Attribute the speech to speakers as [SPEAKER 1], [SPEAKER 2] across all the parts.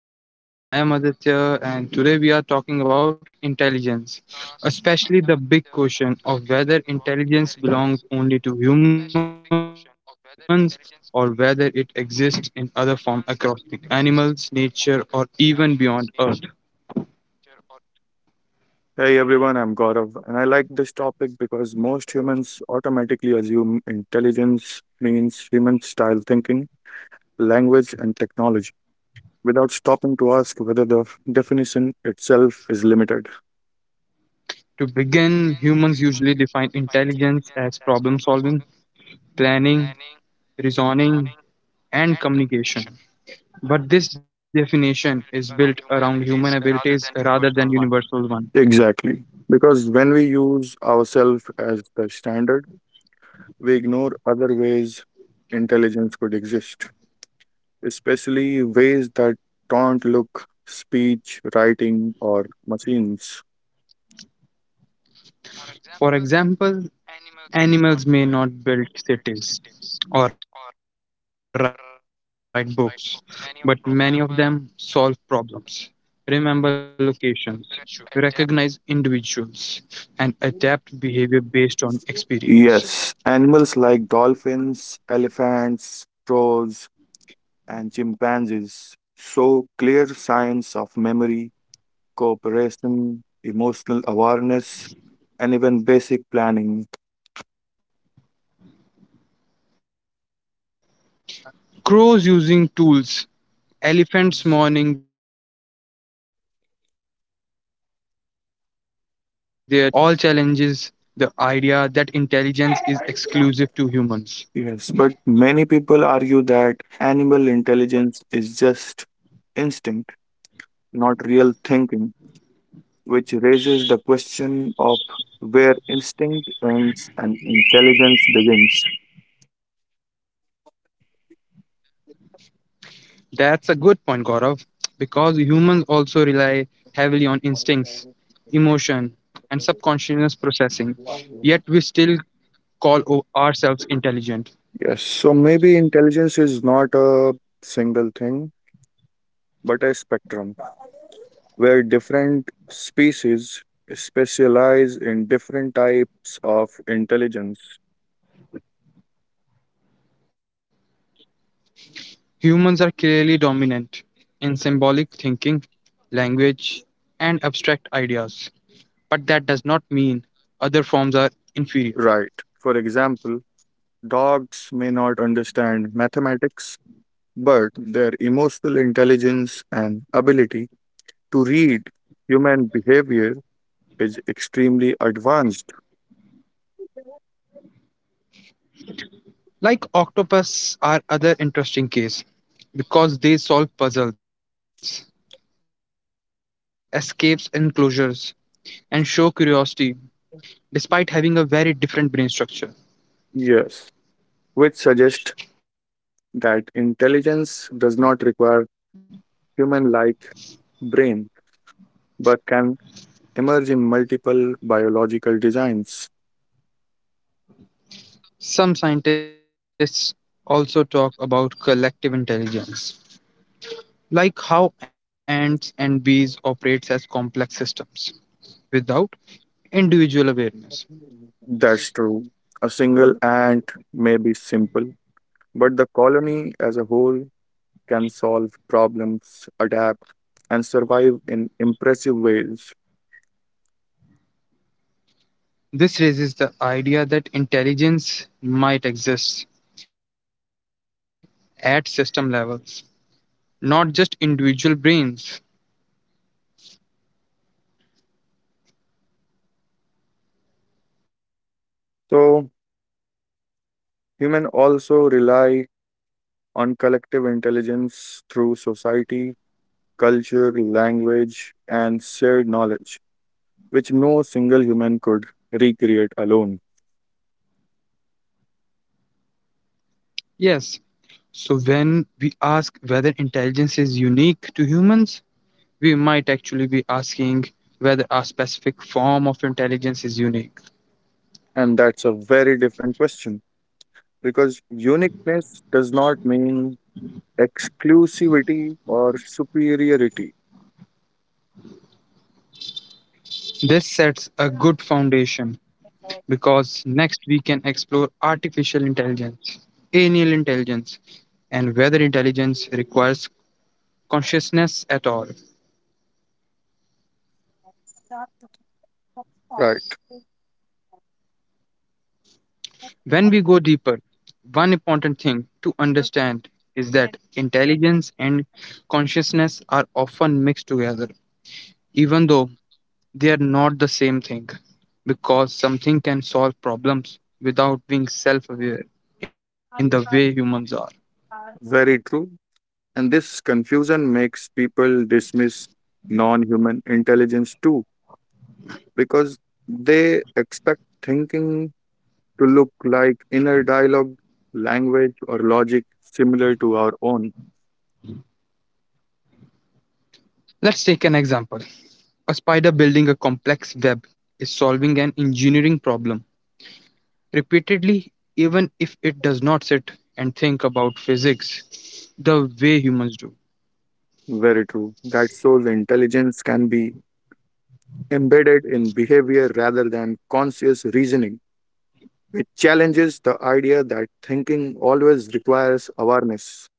[SPEAKER 1] everyone, welcome back to the podcast. I am Aditya, and today we are talking about intelligence, especially the big question of whether intelligence belongs only to humans or whether it exists in other form across the animals, nature, or even beyond Earth.
[SPEAKER 2] Hey everyone, I'm Gaurav, and I like this topic because most humans automatically assume intelligence means human style thinking, language, and technology without stopping to ask whether the definition itself is limited.
[SPEAKER 1] To begin, humans usually define intelligence as problem solving, planning, reasoning, and communication. But this definition is built around human abilities rather than universal one.
[SPEAKER 2] Exactly. Because when we use ourselves as the standard, we ignore other ways intelligence could exist, especially ways that don't look speech, writing, or machines.
[SPEAKER 1] For example, animals may not build cities or write books, but many of them solve problems, remember locations, recognize individuals, and adapt behavior based on experience.
[SPEAKER 2] Yes, animals like dolphins, elephants, crows, and chimpanzees show clear signs of memory, cooperation, emotional awareness, and even basic planning.
[SPEAKER 1] Crows using tools, elephants mourning their dead, and dolphins understanding symbols. All challenges the idea that intelligence is exclusive to humans.
[SPEAKER 2] Yes, but many people argue that animal intelligence is just instinct, not real thinking, which raises the question of where instinct ends and intelligence begins.
[SPEAKER 1] That's a good point, Gaurav, because humans also rely heavily on instincts, emotion, and subconscious processing, yet we still call ourselves intelligent.
[SPEAKER 2] Yes, so maybe intelligence is not a single thing, but a spectrum where different species specialize in different types of intelligence.
[SPEAKER 1] Humans are clearly dominant in symbolic thinking, language, and abstract ideas, but that does not mean other forms are inferior.
[SPEAKER 2] Right. For example, dogs may not understand mathematics, but their emotional intelligence and ability to read human behavior is extremely advanced.
[SPEAKER 1] Like octopus are other interesting case because they solve puzzles, escapes enclosures, and show curiosity despite having a very different brain structure.
[SPEAKER 2] Yes, which suggests that intelligence does not require human like brain but can emerge in multiple biological designs.
[SPEAKER 1] Some scientists also talk about collective intelligence, like how ants and bees operates as complex systems without individual awareness.
[SPEAKER 2] That's true. A single ant may be simple, but the colony as a whole can solve problems, adapt, and survive in impressive ways.
[SPEAKER 1] This raises the idea that intelligence might exist at system levels, not just individual brains.
[SPEAKER 2] So, humans also rely on collective intelligence through society, culture, language, and shared knowledge, which no single human could recreate alone.
[SPEAKER 1] Yes, so when we ask whether intelligence is unique to humans, we might actually be asking whether a specific form of intelligence is unique.
[SPEAKER 2] And that's a very different question, because uniqueness does not mean exclusivity or superiority.
[SPEAKER 1] This sets a good foundation because next we can explore artificial intelligence, anal intelligence, and whether intelligence requires consciousness at all.
[SPEAKER 2] Right.
[SPEAKER 1] When we go deeper, one important thing to understand is that intelligence and consciousness are often mixed together, even though they are not the same thing, because something can solve problems without being self aware in the way humans are.
[SPEAKER 2] Very true. And this confusion makes people dismiss non human intelligence too, because they expect thinking to look like inner dialogue, language, or logic similar to our own.
[SPEAKER 1] Let's take an example. A spider building a complex web is solving an engineering problem repeatedly, even if it does not sit and think about physics the way humans do.
[SPEAKER 2] Very true. That shows intelligence can be embedded in behavior rather than conscious reasoning. It challenges the idea that thinking always requires awareness.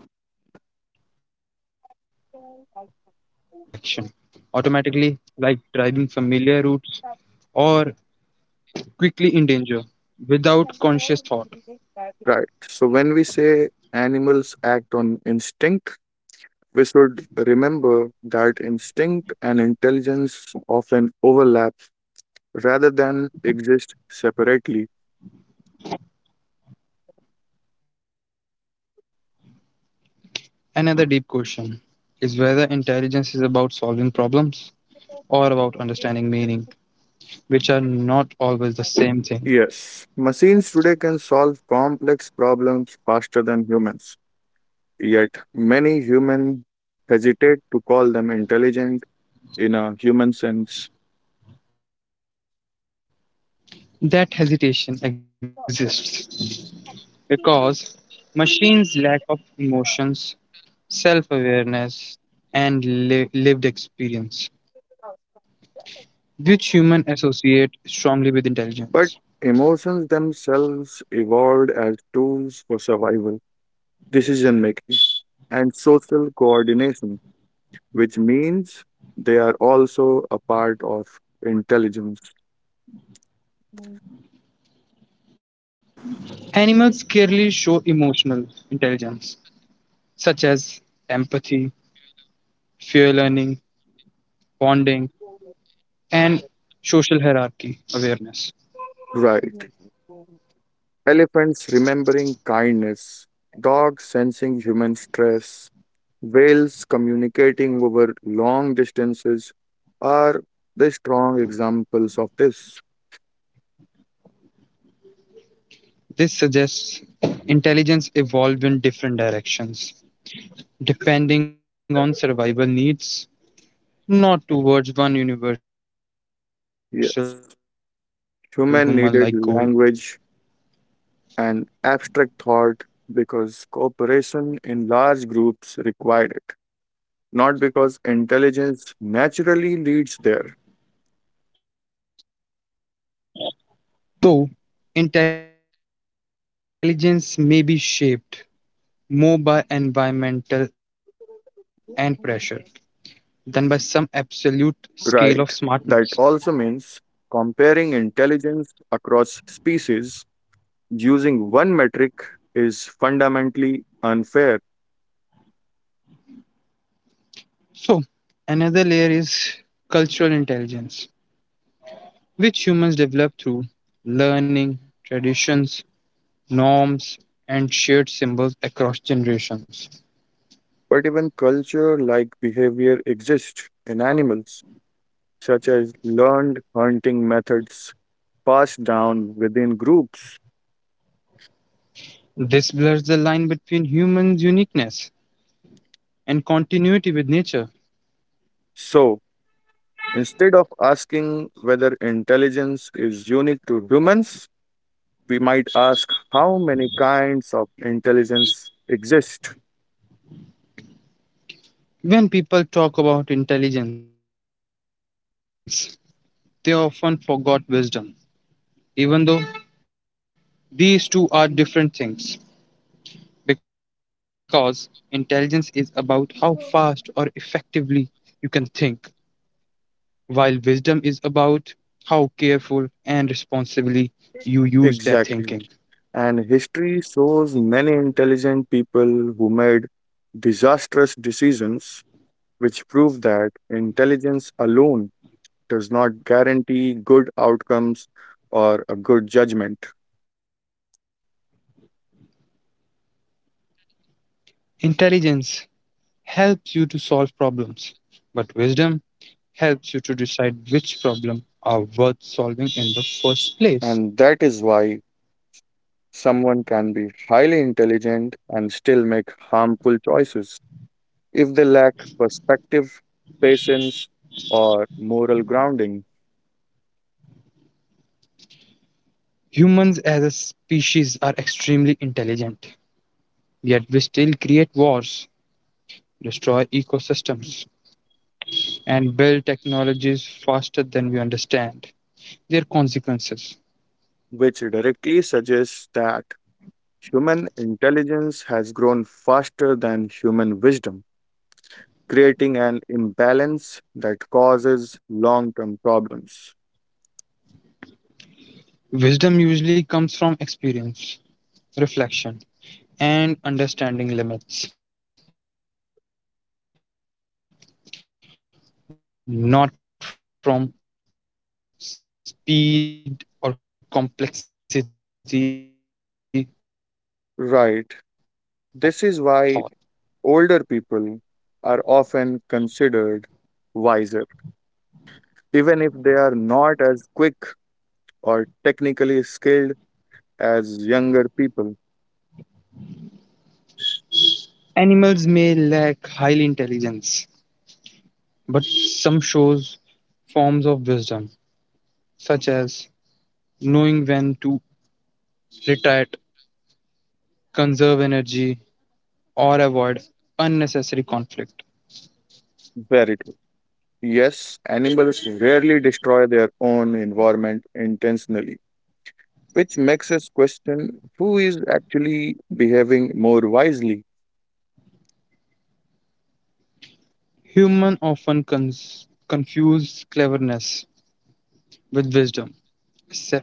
[SPEAKER 1] Humans also perform an intelligent action automatically, like driving familiar routes or quickly in danger without conscious thought.
[SPEAKER 2] Right. So when we say animals act on instinct, we should remember that instinct and intelligence often overlap rather than exist separately.
[SPEAKER 1] Another deep question is whether intelligence is about solving problems or about understanding meaning, which are not always the same thing.
[SPEAKER 2] Yes, machines today can solve complex problems faster than humans, yet many humans hesitate to call them intelligent in a human sense.
[SPEAKER 1] That hesitation exists because machines lack of emotions, self-awareness, and lived experience, which humans associate strongly with intelligence.
[SPEAKER 2] But emotions themselves evolved as tools for survival, decision making, and social coordination, which means they are also a part of intelligence.
[SPEAKER 1] Animals clearly show emotional intelligence, such as empathy, fear learning, bonding, and social hierarchy awareness.
[SPEAKER 2] Right. Elephants remembering kindness, dogs sensing human stress, whales communicating over long distances are the strong examples of this.
[SPEAKER 1] This suggests intelligence evolved in different directions, depending on survival needs, not towards one universal human like goal.
[SPEAKER 2] Yes. Human needed language and abstract thought because cooperation in large groups required it, not because intelligence naturally leads there.
[SPEAKER 1] So, intelligence may be shaped more by environmental and pressure than by some absolute scale of smartness.
[SPEAKER 2] Right. That also means comparing intelligence across species using one metric is fundamentally unfair.
[SPEAKER 1] So, another layer is cultural intelligence, which humans develop through learning, traditions, norms, and shared symbols across generations.
[SPEAKER 2] But even culture like behavior exists in animals, such as learned hunting methods passed down within groups.
[SPEAKER 1] This blurs the line between humans' uniqueness and continuity with nature.
[SPEAKER 2] So, instead of asking whether intelligence is unique to humans, we might ask how many kinds of intelligence exist.
[SPEAKER 1] When people talk about intelligence, they often forgot wisdom even though these two are different things because intelligence is about how fast or effectively you can think while wisdom is about how careful and responsibly you use that thinking.
[SPEAKER 2] Exactly. And history shows many intelligent people who made disastrous decisions, which prove that intelligence alone does not guarantee good outcomes or a good judgment.
[SPEAKER 1] Intelligence helps you to solve problems but wisdom helps you to decide which problem are worth solving in the first place.
[SPEAKER 2] And that is why someone can be highly intelligent and still make harmful choices if they lack perspective, patience, or moral grounding,
[SPEAKER 1] Humans as a species are extremely intelligent yet we still create wars, destroy ecosystems, and build technologies faster than we understand their consequences.
[SPEAKER 2] which directly suggests that human intelligence has grown faster than human wisdom, creating an imbalance that causes long term problems.
[SPEAKER 1] Wisdom usually comes from experience, reflection, and understanding limits, not from speed or complexity of thought.
[SPEAKER 2] Right. This is why older people are often considered wiser, even if they are not as quick or technically skilled as younger people.
[SPEAKER 1] Animals may lack high intelligence, but some shows forms of wisdom, such as knowing when to retreat, conserve energy, or avoid unnecessary conflict.
[SPEAKER 2] Very true. Yes, animals rarely destroy their own environment intentionally, which makes us question who is actually behaving more wisely,
[SPEAKER 1] Humans often confuse cleverness with wisdom,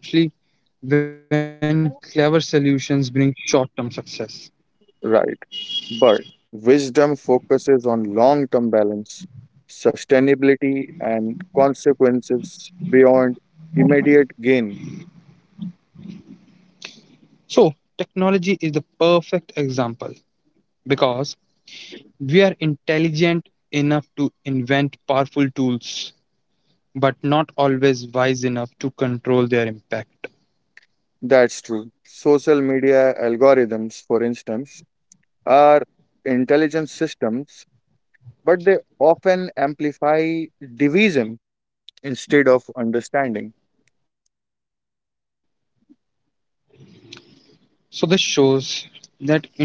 [SPEAKER 1] especially when clever solutions bring short term success.
[SPEAKER 2] right? But wisdom focuses on long term balance, sustainability, and consequences beyond immediate gain.
[SPEAKER 1] So, technology is the perfect example because we are intelligent enough to invent powerful tools, but not always wise enough to control their impact.
[SPEAKER 2] That's true. Social media algorithms, for instance, are intelligent systems, but they often amplify division instead of understanding.
[SPEAKER 1] So, this shows that intelligence without wisdom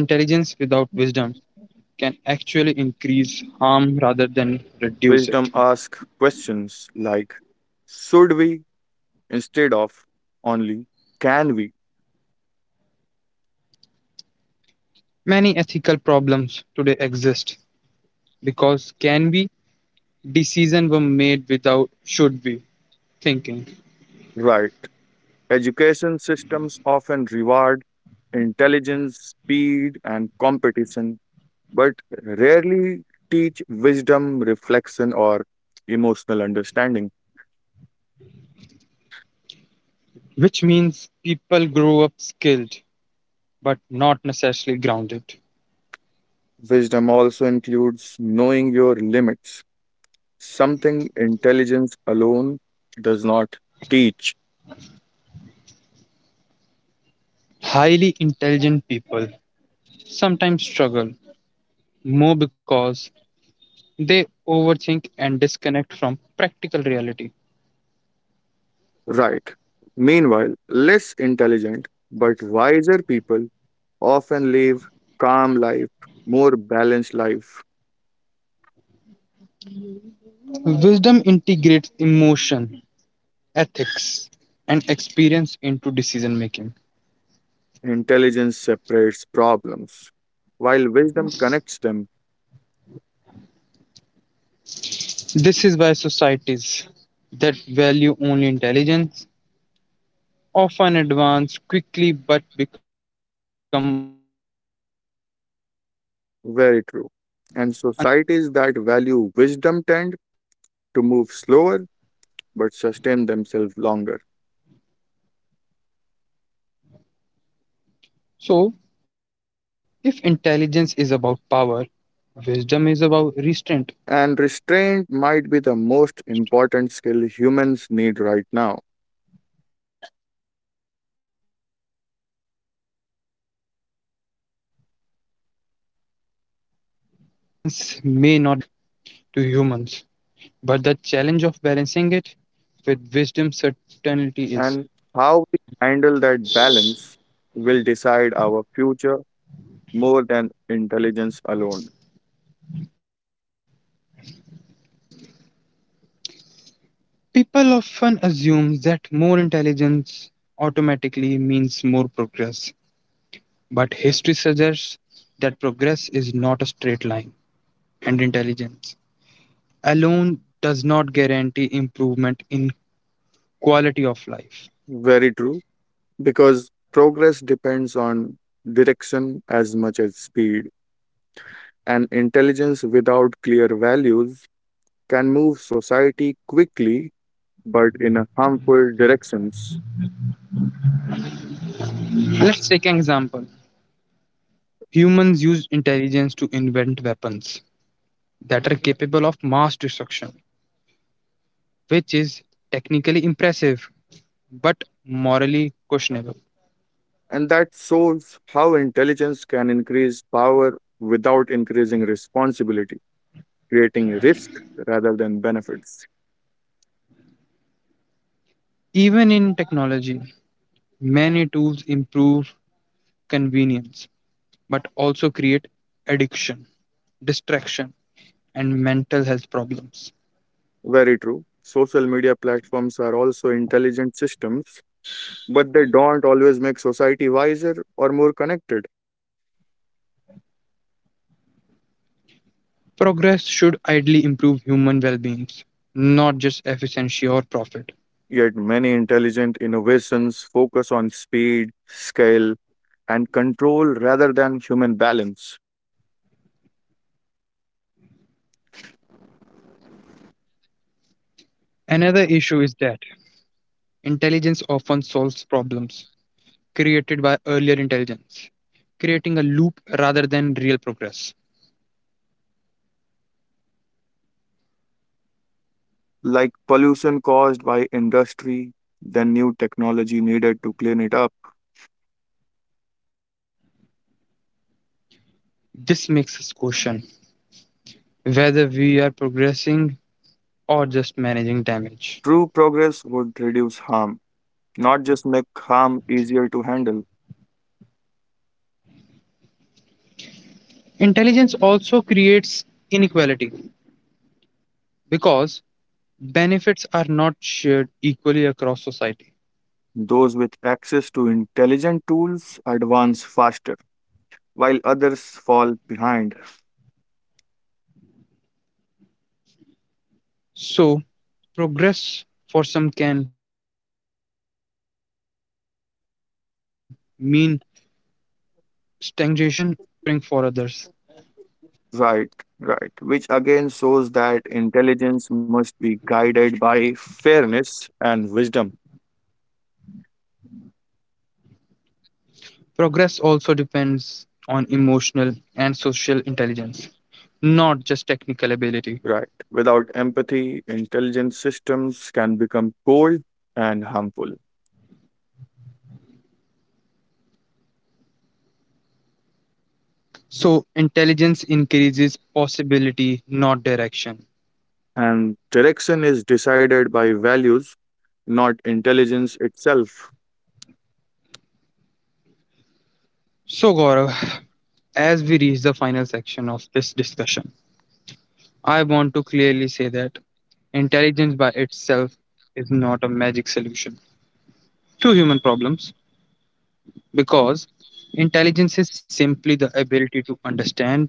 [SPEAKER 1] can actually increase harm rather than reduce it.
[SPEAKER 2] Wisdom asks questions like should we instead of only can we?
[SPEAKER 1] Many ethical problems today exist because can be decisions were made without should be thinking,
[SPEAKER 2] Right. Education systems often reward intelligence, speed, and competition, but rarely teach wisdom, reflection, or emotional understanding.
[SPEAKER 1] which means people grow up skilled but not necessarily grounded.
[SPEAKER 2] Wisdom also includes knowing your limits, something intelligence alone does not teach.
[SPEAKER 1] Highly intelligent people sometimes struggle more because they overthink and disconnect from practical reality.
[SPEAKER 2] Right. Meanwhile, less intelligent but wiser people often live calm life, more balanced life.
[SPEAKER 1] Wisdom integrates emotion, ethics, and experience into decision making.
[SPEAKER 2] Intelligence separates problems, while wisdom connects them.
[SPEAKER 1] This is why societies that value only intelligence often advance quickly but become unstable.
[SPEAKER 2] Very true. And societies that value wisdom tend to move slower but sustain themselves longer.
[SPEAKER 1] So, if intelligence is about power, wisdom is about restraint.
[SPEAKER 2] And restraint might be the most important skill humans need right now.
[SPEAKER 1] So, intelligence may not be unique to humans, but the challenge of balancing it with wisdom certainty is.
[SPEAKER 2] And how we handle that balance will decide our future more than intelligence alone.
[SPEAKER 1] People often assume that more intelligence automatically means more progress. But history suggests that progress is not a straight line, and intelligence alone does not guarantee improvement in quality of life.
[SPEAKER 2] Very true, because progress depends on direction as much as speed, and intelligence without clear values can move society quickly but in a harmful directions.
[SPEAKER 1] Let's take an example. Humans use intelligence to invent weapons that are capable of mass destruction, which is technically impressive but morally questionable.
[SPEAKER 2] And that shows how intelligence can increase power without increasing responsibility, creating risk rather than benefits.
[SPEAKER 1] Even in technology, many tools improve convenience but also create addiction, distraction, and mental health
[SPEAKER 2] Very
[SPEAKER 1] problems.
[SPEAKER 2] true. Social media platforms are also intelligent systems, but they don't always make society wiser or more connected.
[SPEAKER 1] Progress should ideally improve human well being, not just efficiency or profit.
[SPEAKER 2] Yet many intelligent innovations focus on speed, scale, and control rather than human balance,
[SPEAKER 1] Another issue is that intelligence often solves problems created by earlier intelligence, creating a loop rather than real progress.
[SPEAKER 2] like pollution caused by industry, then new technology needed to clean it up.
[SPEAKER 1] This makes us question whether we are progressing or just managing damage.
[SPEAKER 2] True progress would reduce harm, not just make harm easier to handle.
[SPEAKER 1] Intelligence also creates inequality because benefits are not shared equally across society.
[SPEAKER 2] Those with access to intelligent tools advance faster, while others fall behind.
[SPEAKER 1] So, progress for some can mean stagnation or suffering for others.
[SPEAKER 2] Right, right. Which again shows that intelligence must be guided by fairness and wisdom.
[SPEAKER 1] Progress also depends on emotional and social intelligence, not just technical ability.
[SPEAKER 2] Right. Without empathy, intelligent systems can become cold and harmful.
[SPEAKER 1] So, intelligence increases possibility, not direction.
[SPEAKER 2] And direction is decided by values, not intelligence itself.
[SPEAKER 1] So, Gaurav, as we reach the final section of this discussion, I want to clearly say that intelligence by itself is not a magic solution to human problems, because intelligence is simply the ability to understand,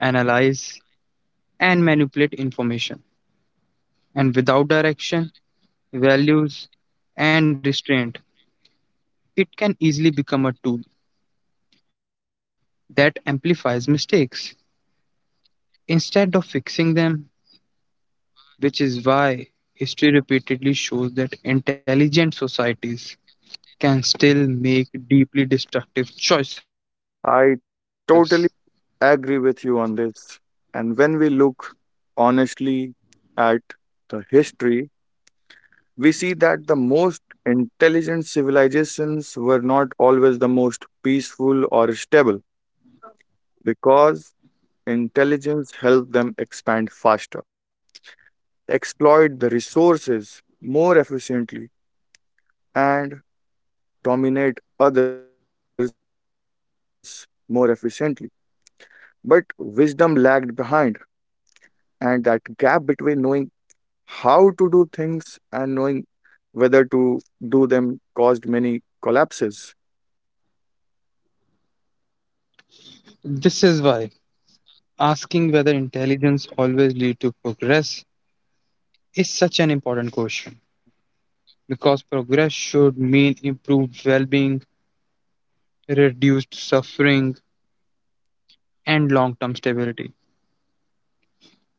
[SPEAKER 1] analyze, and manipulate information. And without direction, values, and restraint, it can easily become a tool that amplifies mistakes instead of fixing them, which is why history repeatedly shows that intelligent societies can still make deeply destructive choices.
[SPEAKER 2] I totally agree with you on this. And when we look honestly at the history, we see that the most intelligent civilizations were not always the most peaceful or stable because intelligence helped them expand faster, exploit the resources more efficiently, and dominate others more efficiently. But wisdom lagged behind, and that gap between knowing how to do things and knowing whether to do them caused many collapses.
[SPEAKER 1] This is why asking whether intelligence always leads to progress is such an important question because progress should mean improved well being, reduced suffering, and long term stability.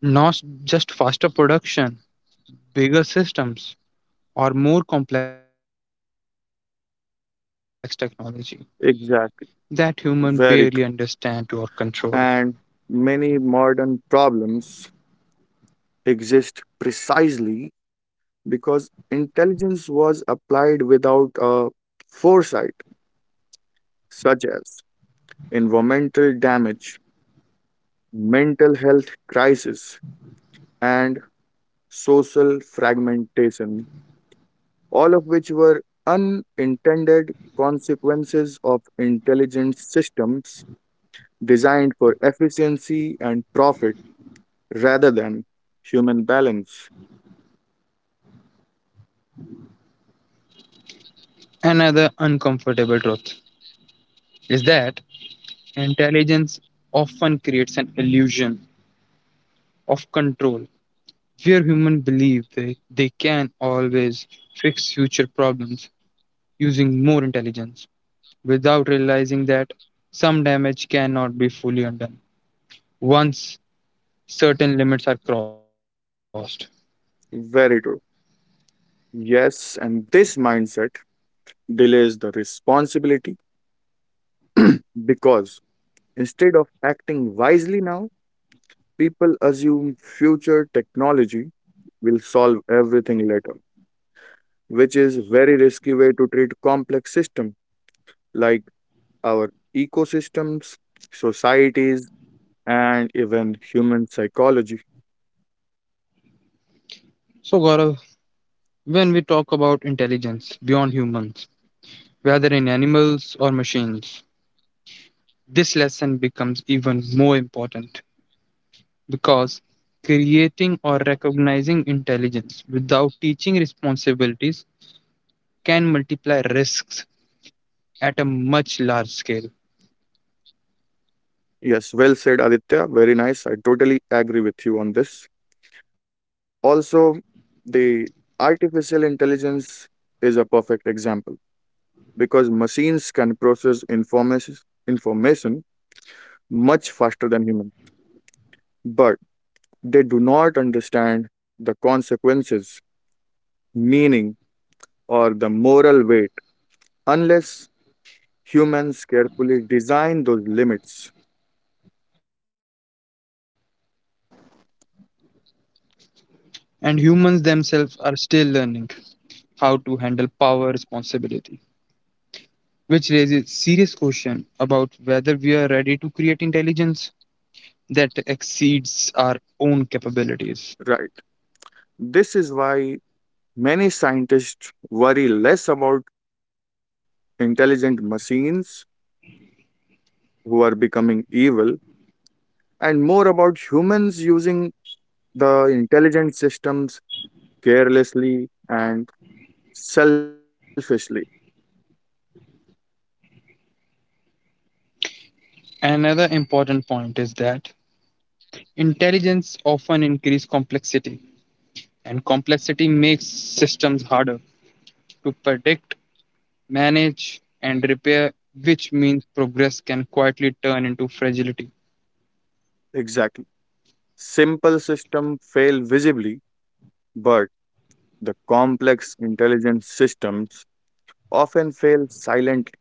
[SPEAKER 1] Not just faster production, bigger systems, or more complex technology that humans barely understand
[SPEAKER 2] Exactly.
[SPEAKER 1] or control.
[SPEAKER 2] Very. And many modern problems exist precisely because intelligence was applied without a foresight, such as environmental damage, mental health crisis, and social fragmentation, all of which were unintended consequences of intelligent systems designed for efficiency and profit rather than human balance.
[SPEAKER 1] Another uncomfortable truth is that intelligence often creates an illusion of control where humans believe they can always fix future problems using more intelligence without realizing that some damage cannot be fully undone once certain limits are crossed.
[SPEAKER 2] Very true. Yes, and this mindset delays the responsibility because instead of acting wisely now, people assume future technology will solve everything later, which is very risky way to treat complex systems like our ecosystems, societies, and even human psychology.
[SPEAKER 1] So, Gaurav, when we talk about intelligence beyond humans, whether in animals or machines, this lesson becomes even more important because creating or recognizing intelligence without teaching responsibilities can multiply risks at a much large scale.
[SPEAKER 2] Yes, well said, Aditya. Very nice. I totally agree with you on this. Also, the artificial intelligence is a perfect example because machines can process information much faster than humans, but they do not understand the consequences, meaning, or the moral weight unless humans carefully design those limits.
[SPEAKER 1] And humans themselves are still learning how to handle power responsibility, which raises serious question about whether we are ready to create intelligence that exceeds our own capabilities.
[SPEAKER 2] Right. This is why many scientists worry less about intelligent machines who are becoming evil and more about humans using the intelligent systems carelessly and selfishly.
[SPEAKER 1] Another important point is that intelligence often increases complexity, and complexity makes systems harder to predict, manage, and repair, which means progress can quietly turn into fragility.
[SPEAKER 2] Exactly. Simple systems fail visibly, but the complex intelligent systems often fail silently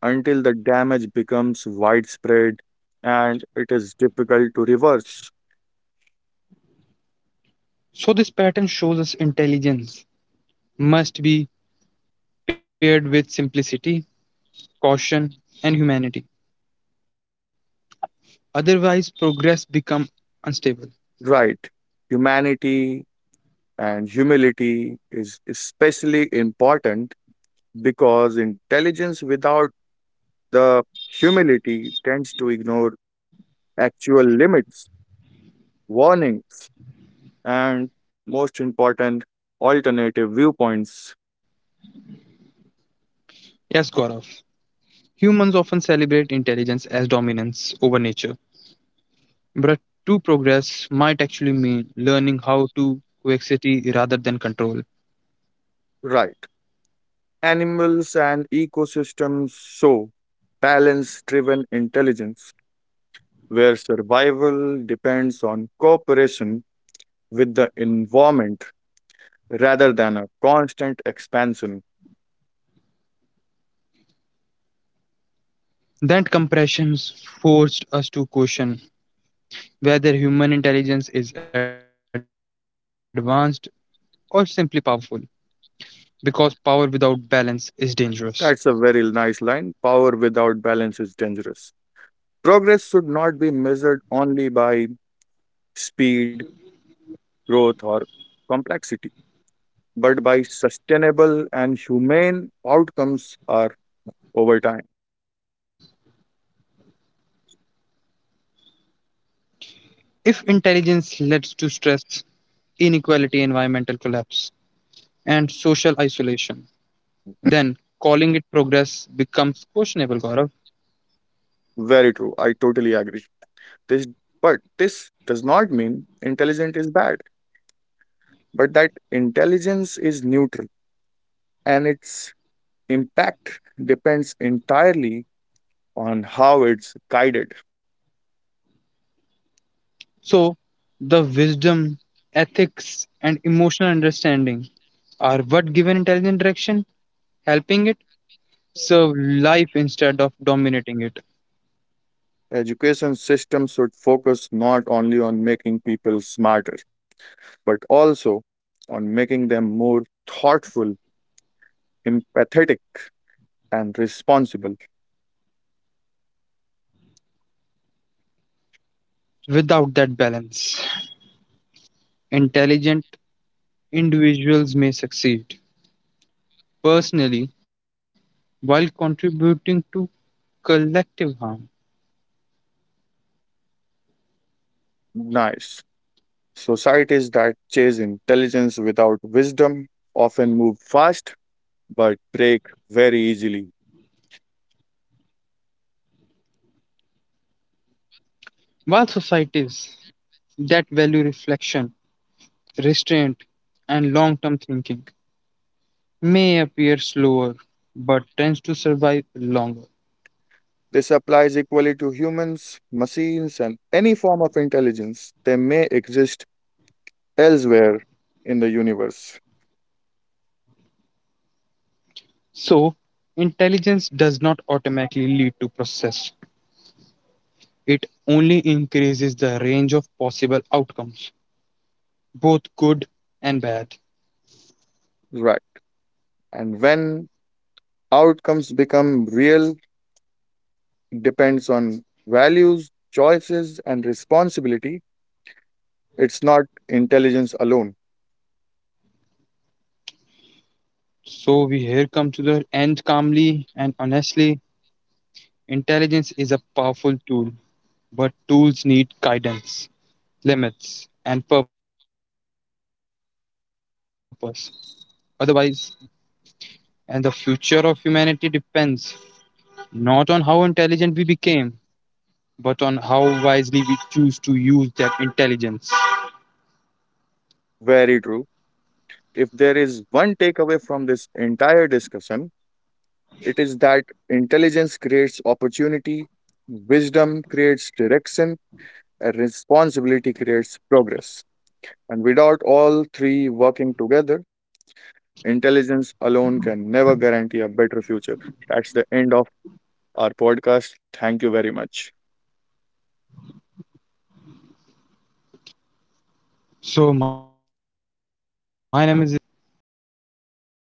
[SPEAKER 2] until the damage becomes widespread and it is difficult to reverse.
[SPEAKER 1] So, this pattern shows us intelligence must be paired with simplicity caution, and humanity. Otherwise, progress becomes unstable.
[SPEAKER 2] Right. Humanity and humility is especially important because intelligence without the humility tends to ignore actual limits, warnings, and most important, alternative viewpoints.
[SPEAKER 1] Yes, Gaurav. Humans often celebrate intelligence as dominance over nature. But true progress might actually mean learning how to coexist rather than control.
[SPEAKER 2] Right. Animals and ecosystems show balance driven intelligence where survival depends on cooperation with the environment rather than a constant expansion.
[SPEAKER 1] That compression forced us to question whether human intelligence is advanced or simply powerful, because power without balance is dangerous.
[SPEAKER 2] That's a very nice line. Power without balance is dangerous. Progress should not be measured only by speed, growth, or complexity but by sustainable and humane outcomes are over time.
[SPEAKER 1] If intelligence leads to stress, inequality, environmental collapse, and social isolation. Then calling it progress becomes questionable, Gaurav.
[SPEAKER 2] Very true. I totally agree. This but this does not mean intelligent is bad, but that intelligence is neutral and its impact depends entirely on how it's guided.
[SPEAKER 1] So, the wisdom, ethics, and emotional understanding are what give an intelligent direction, helping it serve life instead of dominating it.
[SPEAKER 2] Education system should focus not only on making people smarter, but also on making them more thoughtful, empathetic, and responsible.
[SPEAKER 1] Without that balance, intelligent individuals may succeed personally while contributing to collective harm.
[SPEAKER 2] Nice. Societies that chase intelligence without wisdom often move fast but break very easily.
[SPEAKER 1] While societies that value reflection restraint, and long term thinking may appear slower but tends to survive longer.
[SPEAKER 2] This applies equally to humans, machines, and any form of intelligence they may exist elsewhere in the universe.
[SPEAKER 1] So, intelligence does not automatically lead to process, it only increases the range of possible outcomes, both good and bad.
[SPEAKER 2] Right. And when outcomes become real, depends on values, choices, and responsibility. It's not intelligence alone.
[SPEAKER 1] So, we here come to the end calmly and honestly. Intelligence is a powerful tool, but tools need guidance, limits, and purpose. Otherwise, they cause harm. And the future of humanity depends not on how intelligent we became, but on how wisely we choose to use that intelligence.
[SPEAKER 2] Very true. If there is one takeaway from this entire discussion, it is that intelligence creates opportunity, wisdom creates direction, and responsibility creates progress. And without all three working together, intelligence alone can never guarantee a better future. That's the end of our podcast. Thank you very much.
[SPEAKER 1] So, my name is Aditya. Thank you for being on the podcast.